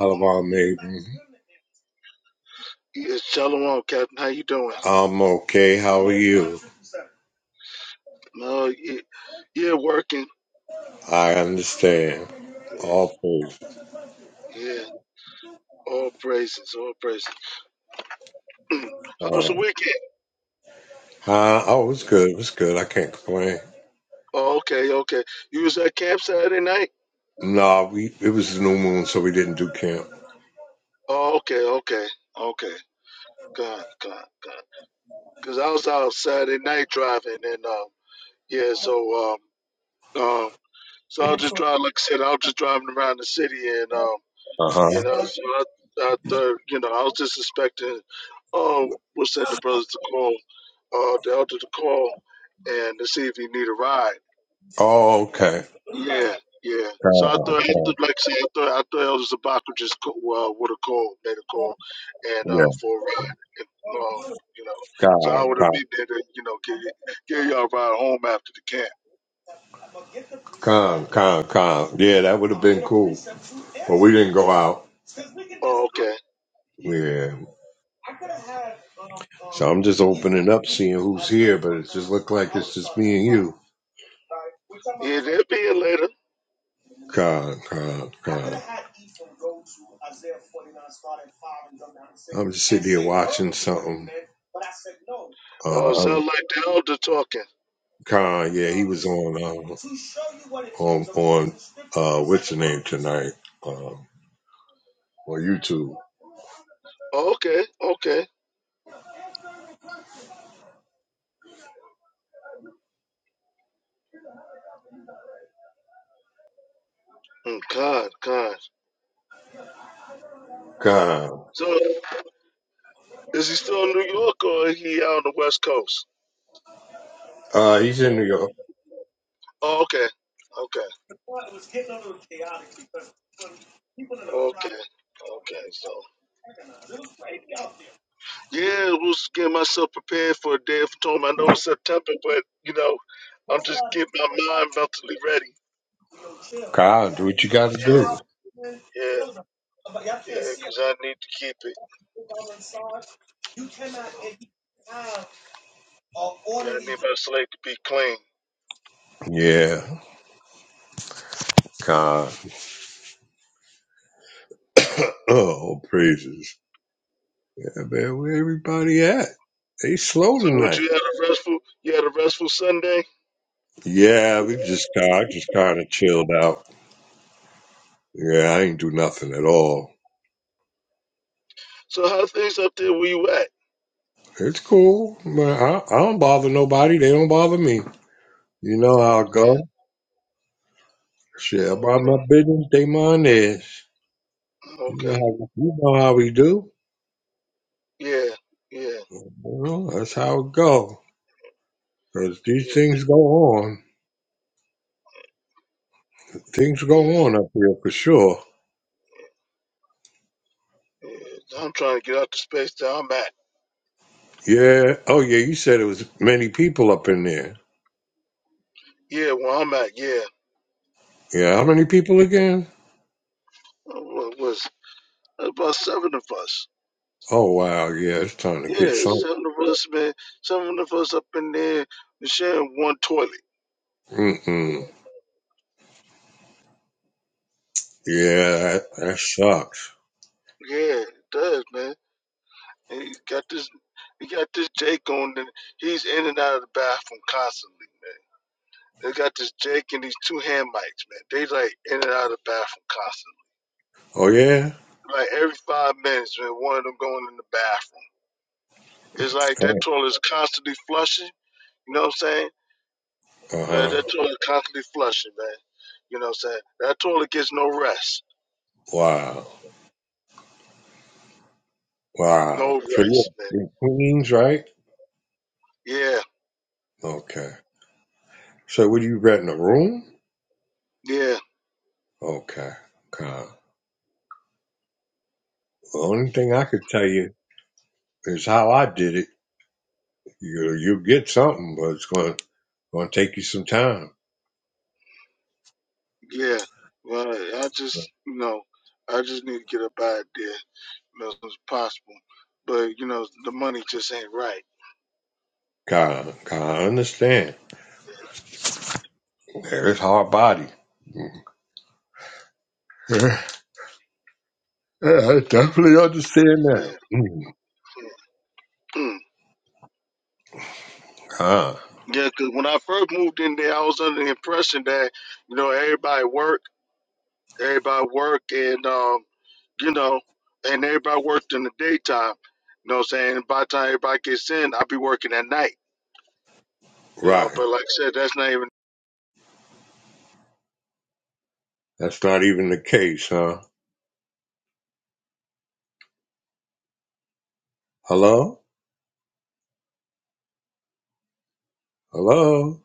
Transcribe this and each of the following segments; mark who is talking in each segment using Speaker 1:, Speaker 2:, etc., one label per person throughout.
Speaker 1: Alabama made
Speaker 2: Yeah, shalom, Captain. How you doing?
Speaker 1: okay. how-
Speaker 2: No, yeah, yeah, working.
Speaker 1: I understand.
Speaker 2: Yeah,
Speaker 1: All praise.
Speaker 2: yeah. all praises, all praises. How was the
Speaker 1: Uh,
Speaker 2: weekend?
Speaker 1: huh? Oh, it was good. It was good. I can't complain.
Speaker 2: Oh, okay, okay. You was at camp Saturday night?
Speaker 1: No, we it was the new moon, so we didn't do camp.
Speaker 2: Oh, okay, okay, okay. God, God, God. Cause I was out Saturday night driving, and um, yeah. So um, um, so I was just driving. Like I said, I was just driving around the city, and um.
Speaker 1: Uh
Speaker 2: You
Speaker 1: huh.
Speaker 2: know, so I, I thought, you know, I was just expecting, um, we'll send the brothers to call, uh, the elder to call and to see if he need a ride.
Speaker 1: Oh, okay.
Speaker 2: Yeah, yeah. So I
Speaker 1: Con,
Speaker 2: thought, I
Speaker 1: con.
Speaker 2: thought- like I said, I thought, I thought Elder Zabak would just call, uh, would have called, made a call and,
Speaker 1: Yeah.
Speaker 2: uh, for a ride. And, um, you know, so I would
Speaker 1: Con,
Speaker 2: have
Speaker 1: con,
Speaker 2: been there to, you know, give, y- give y'all a ride home after the camp.
Speaker 1: con, con, con. Yeah, that would have been cool, but we didn't go out.
Speaker 2: Oh, okay.
Speaker 1: Yeah. So I'm just opening up, seeing who's here, but it just looked like it's just me and you.
Speaker 2: Yeah, they'll be here later.
Speaker 1: God, God, God. I'm just sitting here watching something.
Speaker 2: Oh,
Speaker 1: Uh,
Speaker 2: sound like the elder talking.
Speaker 1: Khan, yeah, he was on um, on on uh, what's the name tonight um, on YouTube.
Speaker 2: Oh, okay, okay. Mm, God, God.
Speaker 1: Khan,
Speaker 2: So is he still in New York or he out on the West Coast?
Speaker 1: uh, he's in New York.
Speaker 2: Oh, okay. Okay. Okay. Okay. So yeah, I was getting myself prepared for a day of atonement. I know it's September, but you know, I'm just getting my mind mentally ready.
Speaker 1: Khan, do what you got to do.
Speaker 2: Yeah, yeah, yeah, because I need to keep it. Yeah, I need my slate to be clean.
Speaker 1: Yeah, Khan. oh, praises. Yeah, man, where everybody at? They slow
Speaker 2: So what
Speaker 1: tonight.
Speaker 2: you had a restful you had a restful Sunday?
Speaker 1: Yeah, we just kind, just kind of chilled out. Yeah, I ain't do nothing at all.
Speaker 2: So how things up there where you at?
Speaker 1: It's cool, man. I, I don't bother nobody. They don't bother me. You know how I
Speaker 2: Okay,
Speaker 1: go. Shit, about
Speaker 2: okay,
Speaker 1: my business, they mine is. You know
Speaker 2: okay.
Speaker 1: how you know how we do.
Speaker 2: Yeah, yeah,
Speaker 1: Well, that's how it go. 'Cause these
Speaker 2: yeah,
Speaker 1: things go on. Things go
Speaker 2: yeah.
Speaker 1: on up here for sure.
Speaker 2: Yeah, I'm trying to get out the space that I'm at.
Speaker 1: Yeah. Oh yeah. You said it was many people up in there.
Speaker 2: Yeah, where I'm at. Yeah,
Speaker 1: Yeah. How many people again?
Speaker 2: what was about seven of us.
Speaker 1: Oh wow. Yeah. It's time to
Speaker 2: Yeah,
Speaker 1: get some.
Speaker 2: seven of us, man. Seven of us up in there sharing one toilet.
Speaker 1: Mm mm. Yeah. That, that sucks.
Speaker 2: Yeah, it does, man. And you got this, you got this Jake on, and he's in and out of the bathroom constantly, man. They got this Jake and these two hand mics, man. They like in and out of the bathroom constantly.
Speaker 1: Oh yeah.
Speaker 2: Like every five minutes, man, one of them going in the bathroom. It's like that toilet is constantly flushing. You know what I'm saying?
Speaker 1: Uh
Speaker 2: But
Speaker 1: huh.
Speaker 2: that toilet constantly flushing, man. You know what I'm saying? That toilet gets no rest.
Speaker 1: Wow.
Speaker 2: No
Speaker 1: Wow. So you're
Speaker 2: rest, man.
Speaker 1: in Queens, right?
Speaker 2: Yeah,
Speaker 1: Okay. So would you rent a room?
Speaker 2: yeah,
Speaker 1: Okay. Okay. The only thing I could tell you is how I did it. You you'll get something, but it's going going to take you some time.
Speaker 2: yeah. Well, I just, you know, I just need to get up out of there you know, as soon as possible. But, you know, the money just ain't right.
Speaker 1: God, God, I understand. There's hard body. Yeah, I definitely understand that.
Speaker 2: Yeah.
Speaker 1: Mm.
Speaker 2: Mm.
Speaker 1: Ah,
Speaker 2: Yeah, because when I first moved in there, I was under the impression that, you know, everybody worked, everybody worked, and, um, you know, and everybody worked in the daytime. You know what I'm saying? by the time everybody gets in, I'll be working at night. You know,
Speaker 1: right.
Speaker 2: but like I said, that's not even.
Speaker 1: That's not even the case, huh? Hello? Hello?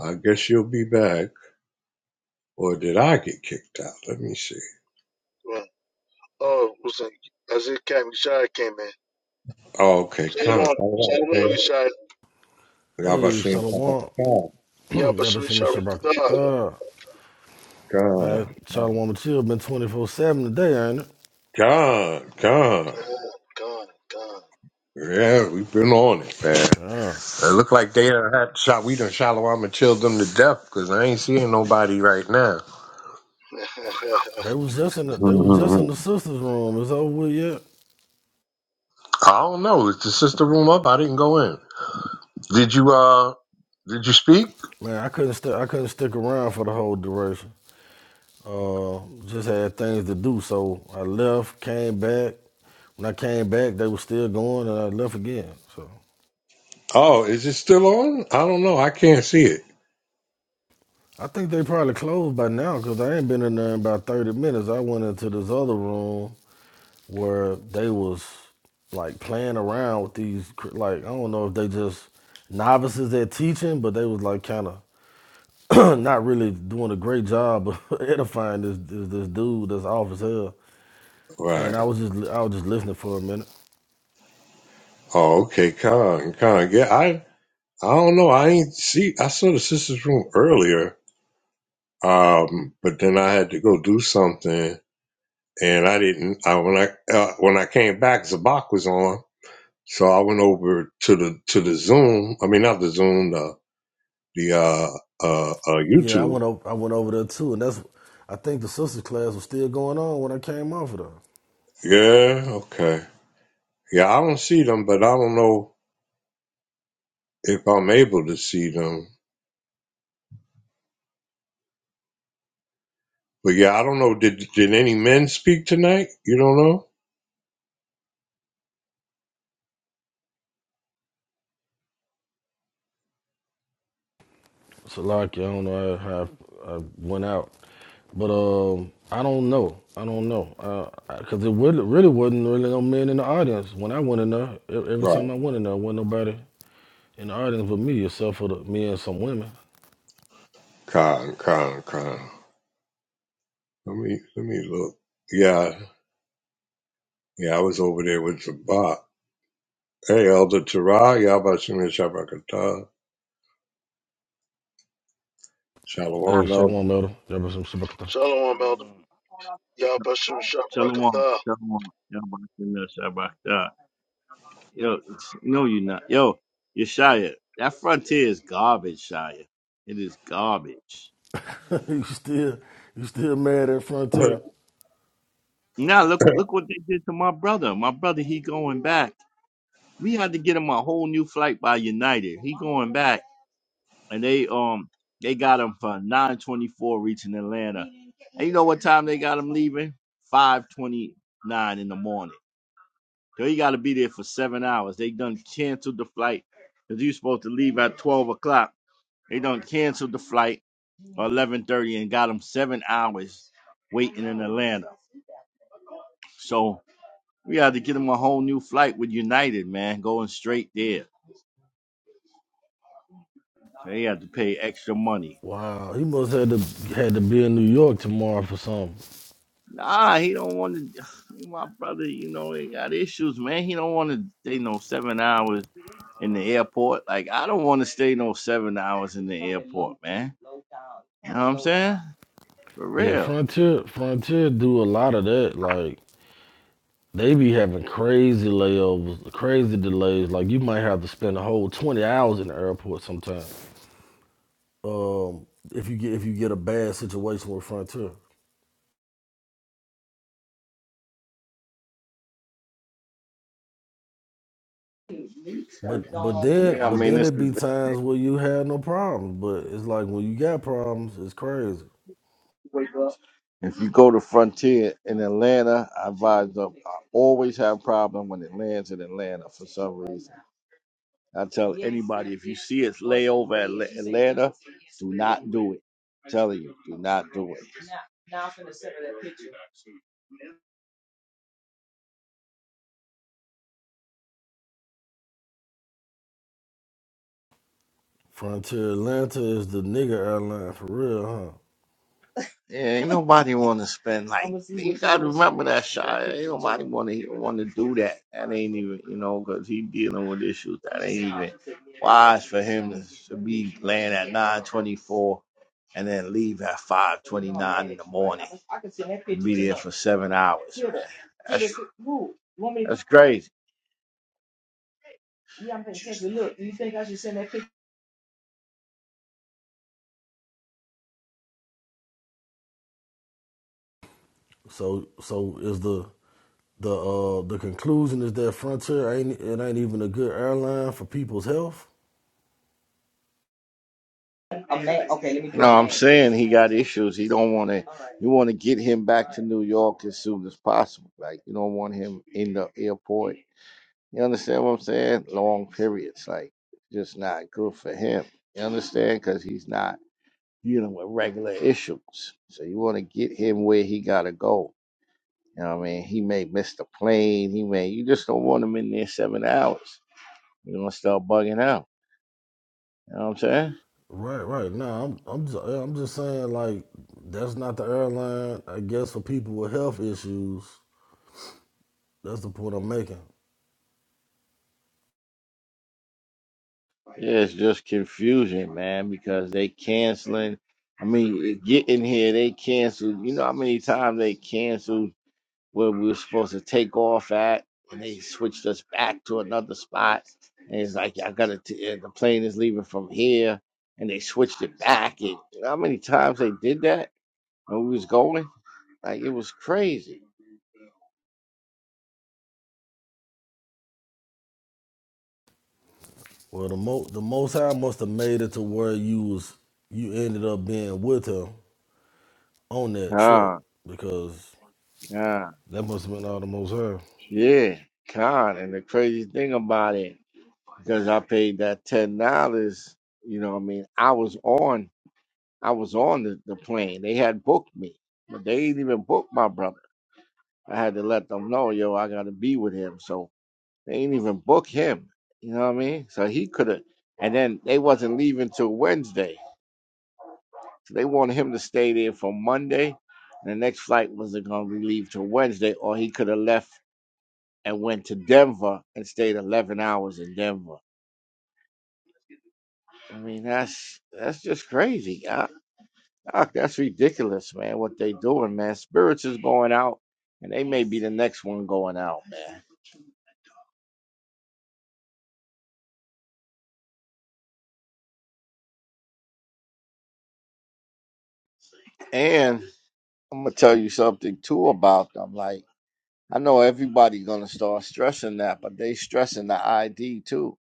Speaker 1: I guess you'll be back. Or did I get kicked out? Let me see.
Speaker 2: Well, oh, was it Isaiah Cam came in.
Speaker 1: Oh, okay,
Speaker 2: Same
Speaker 1: Con.
Speaker 2: on, same
Speaker 1: Okay.
Speaker 2: on Yeshaya.
Speaker 1: I was
Speaker 3: Hey,
Speaker 1: saying
Speaker 3: Shalom,
Speaker 1: Con.
Speaker 2: Yeah, but some
Speaker 3: represent
Speaker 2: Yeshaya
Speaker 3: Mr. Barker.
Speaker 2: God,
Speaker 3: Thug. Man,
Speaker 1: Con.
Speaker 3: Shalom and Chill been 24-7 today, ain't it?
Speaker 1: Con. Con.
Speaker 2: God, God.
Speaker 1: Yeah, we've been on it, man.
Speaker 3: Yeah.
Speaker 1: It look like they done had shot. We done Shalom and chilled them to death because I ain't seeing nobody right now.
Speaker 3: They was just in the they was just in
Speaker 1: Mhm.
Speaker 3: the sisters room. It's over with yet.
Speaker 1: I don't know. Is the sister room up? I didn't go in. Did you? Uh, did you speak?
Speaker 3: Man, I couldn't stick I couldn't stick around for the whole duration. Uh just had things to do. So I left, came back. When I came back, they were still going and I left again. So
Speaker 1: Oh, is it still on? I don't know. I can't see it.
Speaker 3: I think they probably closed by now because I ain't been in there in about 30 minutes. I went into this other room where they was like playing around with these cr- like I don't know if they just novices at teaching, but they was like kind of not really doing a great job of edifying this, this this dude that's off as hell. And
Speaker 1: Right.
Speaker 3: I was just li- I was just listening for a minute.
Speaker 1: Oh, okay. Con, con. Yeah, I, I don't know. I ain't see. I saw the sisters' room earlier, um, but then I had to go do something, and I didn't. I when I uh, when I came back, Zabak was on, so I went over to the to the Zoom. I mean, not the Zoom, the the uh, uh, uh,
Speaker 3: Yeah, I
Speaker 1: YouTube.
Speaker 3: went over I went over there too, and that's I think the sisters class was still going on when I came off of there.
Speaker 1: Yeah. Okay. Yeah, I don't see them, but I don't know if I'm able to see them. But yeah, I don't know. Did did any men speak tonight? You don't know?
Speaker 3: Salaki, I don't know how I, I went out, but um, I don't know. I don't know because uh, 'cause it really, really wasn't really no men in the audience when I went in there. e- Every
Speaker 1: Right.
Speaker 3: time I went in there, wasn't nobody in the audience but me, except for the, me and some women.
Speaker 1: Con, con, con. Let me let me look. Yeah, yeah, I was over there with Zabak. Hey, Elder Tara, Yabashim Shabakata.
Speaker 3: Hey,
Speaker 1: Shalom,
Speaker 3: shalom, elder. you shabakata.
Speaker 2: Shalom, Elder.
Speaker 4: Shalom.
Speaker 2: Yeah, but some
Speaker 4: Shalom.
Speaker 2: Yeshaya
Speaker 4: Shalom. Y'all about to miss. you about that. Yo, no, you're not. Yo, Yeshaya, that frontier is garbage, Shia. It is garbage.
Speaker 3: you still, you still mad at
Speaker 1: Elder.
Speaker 3: Frontier?
Speaker 4: Now look, look what they did to my brother. My brother, he going back. We had to get him a whole new flight by United. He going back, and they um they got him for 9:24 reaching Atlanta. And you know what time they got him leaving? 5:29 in the morning. Yo, you got to be there for seven hours. They done canceled the flight because you supposed to leave at twelve o'clock. They done canceled the flight or eleven thirty and got them seven hours waiting in Atlanta. So we had to get them a whole new flight with United, man, going straight there. They had to pay extra money.
Speaker 3: Wow, he must had to had to be in New York tomorrow for something.
Speaker 4: Nah, he don't want to. My brother, you know, he got issues, man. He don't want to stay no seven hours in the airport. Like I don't want to stay no seven hours in the airport, man. You know what I'm saying? For
Speaker 3: Yeah,
Speaker 4: real.
Speaker 3: Frontier, Frontier do a lot of that. Like They be having crazy layovers, crazy delays. Like you might have to spend a whole twenty hours in the airport sometime. Um, if you get if you get a bad situation with Frontier. But but
Speaker 4: Yeah,
Speaker 3: then
Speaker 4: I
Speaker 3: but
Speaker 4: mean,
Speaker 3: then
Speaker 4: this
Speaker 3: there
Speaker 4: is,
Speaker 3: be times where you have no problems. But it's like when you got problems, it's crazy.
Speaker 4: if you go to Frontier in Atlanta, I advise up. I always have problem when it lands in Atlanta for some reason. I tell anybody if you see it lay over Atla- Atlanta, do not do it. telling you, do not do it.
Speaker 3: Frontier Atlanta is the nigga airline for real, huh?
Speaker 4: Yeah, ain't nobody want to spend like you gotta remember that shy. Ain't nobody want to want to do that. That ain't even you know because he dealing with issues that ain't even wise for him to, to be playing at nine twenty four and then leave at five twenty nine in the morning and be there for seven hours, man. That's that's crazy.
Speaker 3: So so is the the uh the conclusion is that Frontier ain't it ain't even a good airline for people's health.
Speaker 4: No, I'm saying he got issues. He don't want to. You want to get him back to New York as soon as possible. Like you don't want him in the airport You understand what I'm saying? Long periods, like just not good for him. You understand? Because he's not dealing with regular issues. So you want to get him where he gotta go. You know what I mean? He may miss the plane. He may. You just don't want him in there seven hours. You're gonna start bugging out. You know what I'm saying?
Speaker 3: Right, right. Nah, I'm, I'm just, yeah, I'm just saying like that's not the airline. I guess for people with health issues, that's the point I'm making.
Speaker 4: Yeah, it's just confusion, man, because they canceling. I mean, get in here. They canceled. You know how many times they canceled where we were supposed to take off at, and they switched us back to another spot. And it's like, I gotta, t- uh, the plane is leaving from here, and they switched it back. And you know how many times they did that when we was going? Like, it was crazy.
Speaker 3: Well, the mo the Most High must have made it to where you was you ended up being with him on that trip
Speaker 4: Ah,
Speaker 3: because
Speaker 4: God,
Speaker 3: that must have been all the Most High.
Speaker 4: yeah, God. And the crazy thing about it, because I paid that $10, you know what I mean? I was on, I was on the, the plane. They had booked me, but they didn't even book my brother. I had to let them know, yo, I gotta be with him. So they ain't even book him. You know what I mean? So he could have and then they wasn't leaving till Wednesday. So they wanted him to stay there for Monday. And the next flight wasn't gonna be leave till Wednesday, or he could have left and went to Denver and stayed eleven hours in Denver. I mean that's that's just crazy. I, I, that's ridiculous, man. What they doing, man? Spirits is going out, and they may be the next one going out, man. And I'm gonna tell you something too about them. Like I know everybody gonna start stressing that, but they stressing the ID too.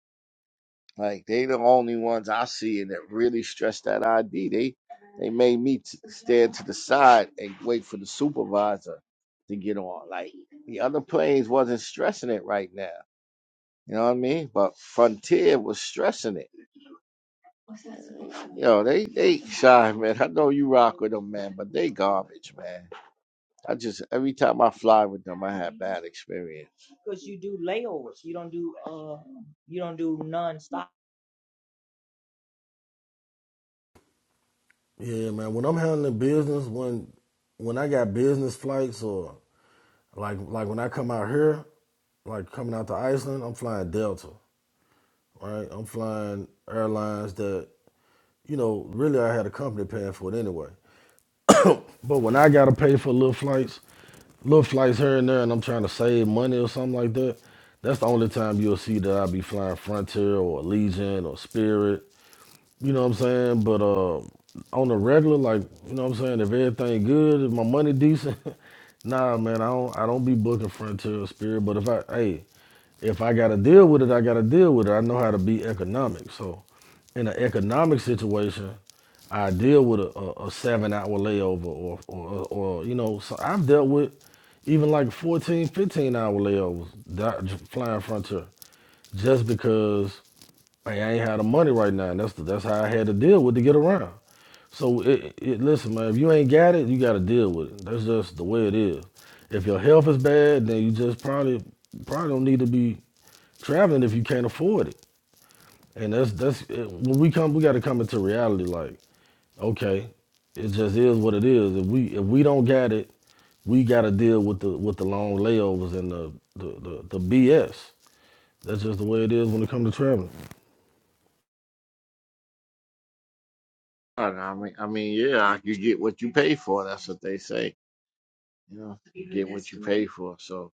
Speaker 4: Like they the only ones I see and that really stress that ID. They they made me t- stand to the side and wait for the supervisor to get on. Like the other planes wasn't stressing it right now. You know what I mean? But Frontier was stressing it. You know, they they shy man. I know you rock with them, man, but they garbage, man. I just every time I fly with them, I have bad experience.
Speaker 3: Yeah, man. When I'm handling business, when when I got business flights or like like when I come out here, like coming out to Iceland, I'm flying Delta, right? I'm flying airlines that you know, really I had a company paying for it anyway. But when I gotta pay for little flights, little flights here and there, and I'm trying to save money or something like that, that's the only time you'll see that I be flying Frontier or Allegiant or Spirit you know what I'm saying? But uh, on the regular, like you know what I'm saying, if everything good, if my money decent, nah, man, I don't I don't be booking Frontier or Spirit. But if I hey, if I gotta deal with it, I gotta deal with it. I know how to be economic. So in an economic situation, I deal with a, a, a seven hour layover or, or or you know. So I've dealt with even like fourteen, fifteen hour layovers that, flying Frontier, just because. Hey, I ain't had the money right now. And that's the, that's how I had to deal with to get around. So it, it, listen, man, if you ain't got it, you got to deal with it. That's just the way it is. If your health is bad, then you just probably probably don't need to be traveling if you can't afford it. And that's that's it. when we come, we got to come into reality. Like, okay, it just is what it is. If we if we don't got it, we got to deal with the with the long layovers and the the, the the BS. That's just the way it is when it comes to traveling.
Speaker 4: And I mean, I mean, yeah, you get what you pay for. That's what they say. You know, you get what you pay for. So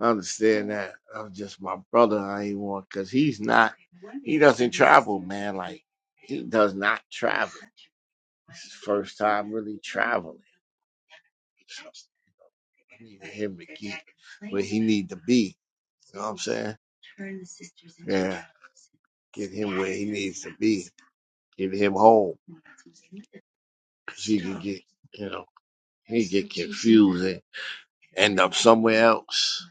Speaker 4: I understand that. I'm just my brother. I ain't want because he's not. He doesn't travel, man. Like he does not travel. It's his first time really traveling. So I need him to get where he need to be. You know what I'm saying? Yeah, get him where he needs to be. Get him home. because he could get, you know, he could get confused and end up somewhere else.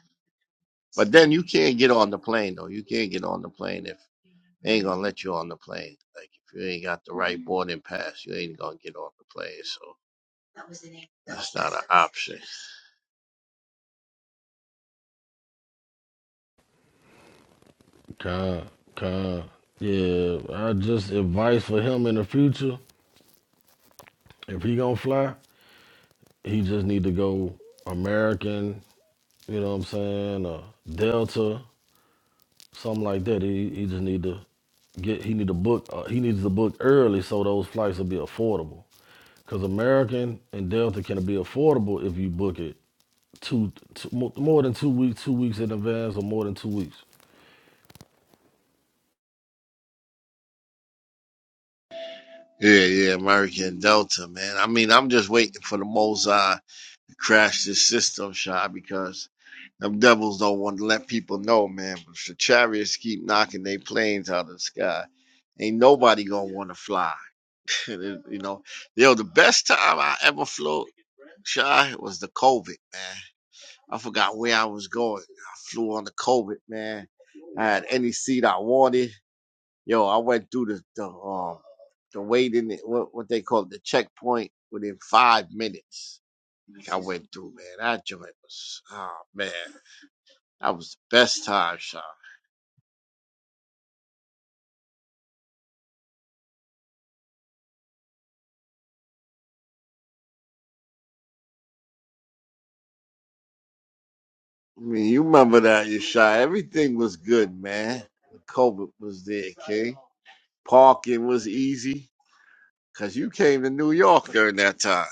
Speaker 4: But then you can't get on the plane though. You can't get on the plane if they ain't gonna let you on the plane. Like if you ain't got the right boarding pass, you ain't gonna get on the plane. So that's not an option.
Speaker 3: Con, con. Yeah, I just advice for him in the future. If he gonna fly, he just need to go American. You know what I'm saying? Or Delta, something like that. He he just need to get. He need to book. Uh, he needs to book early so those flights will be affordable. Cause American and Delta can be affordable if you book it two, two mo- more than two weeks, two weeks in advance, or more than two weeks.
Speaker 4: Yeah, yeah, American Delta, man. I mean, I'm just waiting for the Mozart to crash this system shot because them devils don't want to let people know, man. But if the chariots keep knocking their planes out of the sky. Ain't nobody gonna want to fly. you know, yo, the best time I ever flew, shy, was the COVID, man. I forgot where I was going. I flew on the COVID, man. I had any seat I wanted. Yo, I went through the the um the waiting what what they call it, the checkpoint within five minutes. I went through, man. That joint was oh man, that was the best time, shy. I mean, you remember that, you shy. Everything was good, man. COVID was there, King. Parking was easy because you came to New York during that time.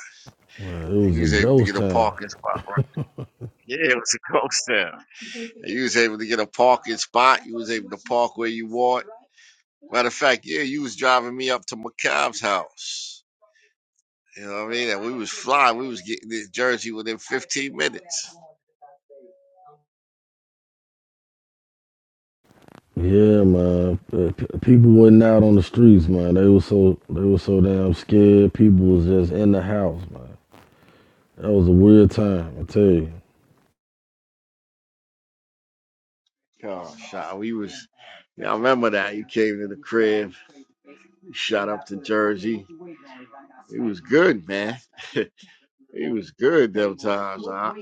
Speaker 3: Man, it
Speaker 4: You
Speaker 3: was a
Speaker 4: was able to get
Speaker 3: ghost
Speaker 4: a
Speaker 3: town.
Speaker 4: parking spot. Right? Yeah, it was a ghost town. And you was able to get a parking spot. You was able to park where you want. Matter of fact, yeah, you was driving me up to McCabe's house. You know what I mean? And we was flying. We was getting this jersey within 15 minutes.
Speaker 3: Yeah, man. Uh, p- People wasn't out on the streets, man. They was so they were so damn scared. People was just in the house, man. That was a weird time, I tell you.
Speaker 4: Oh, shot. We was. Yeah, I remember that. You came to the crib. You Shot up to Jersey. It was good, man. He was good them times. I, I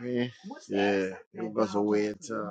Speaker 4: mean, yeah, it was a weird time.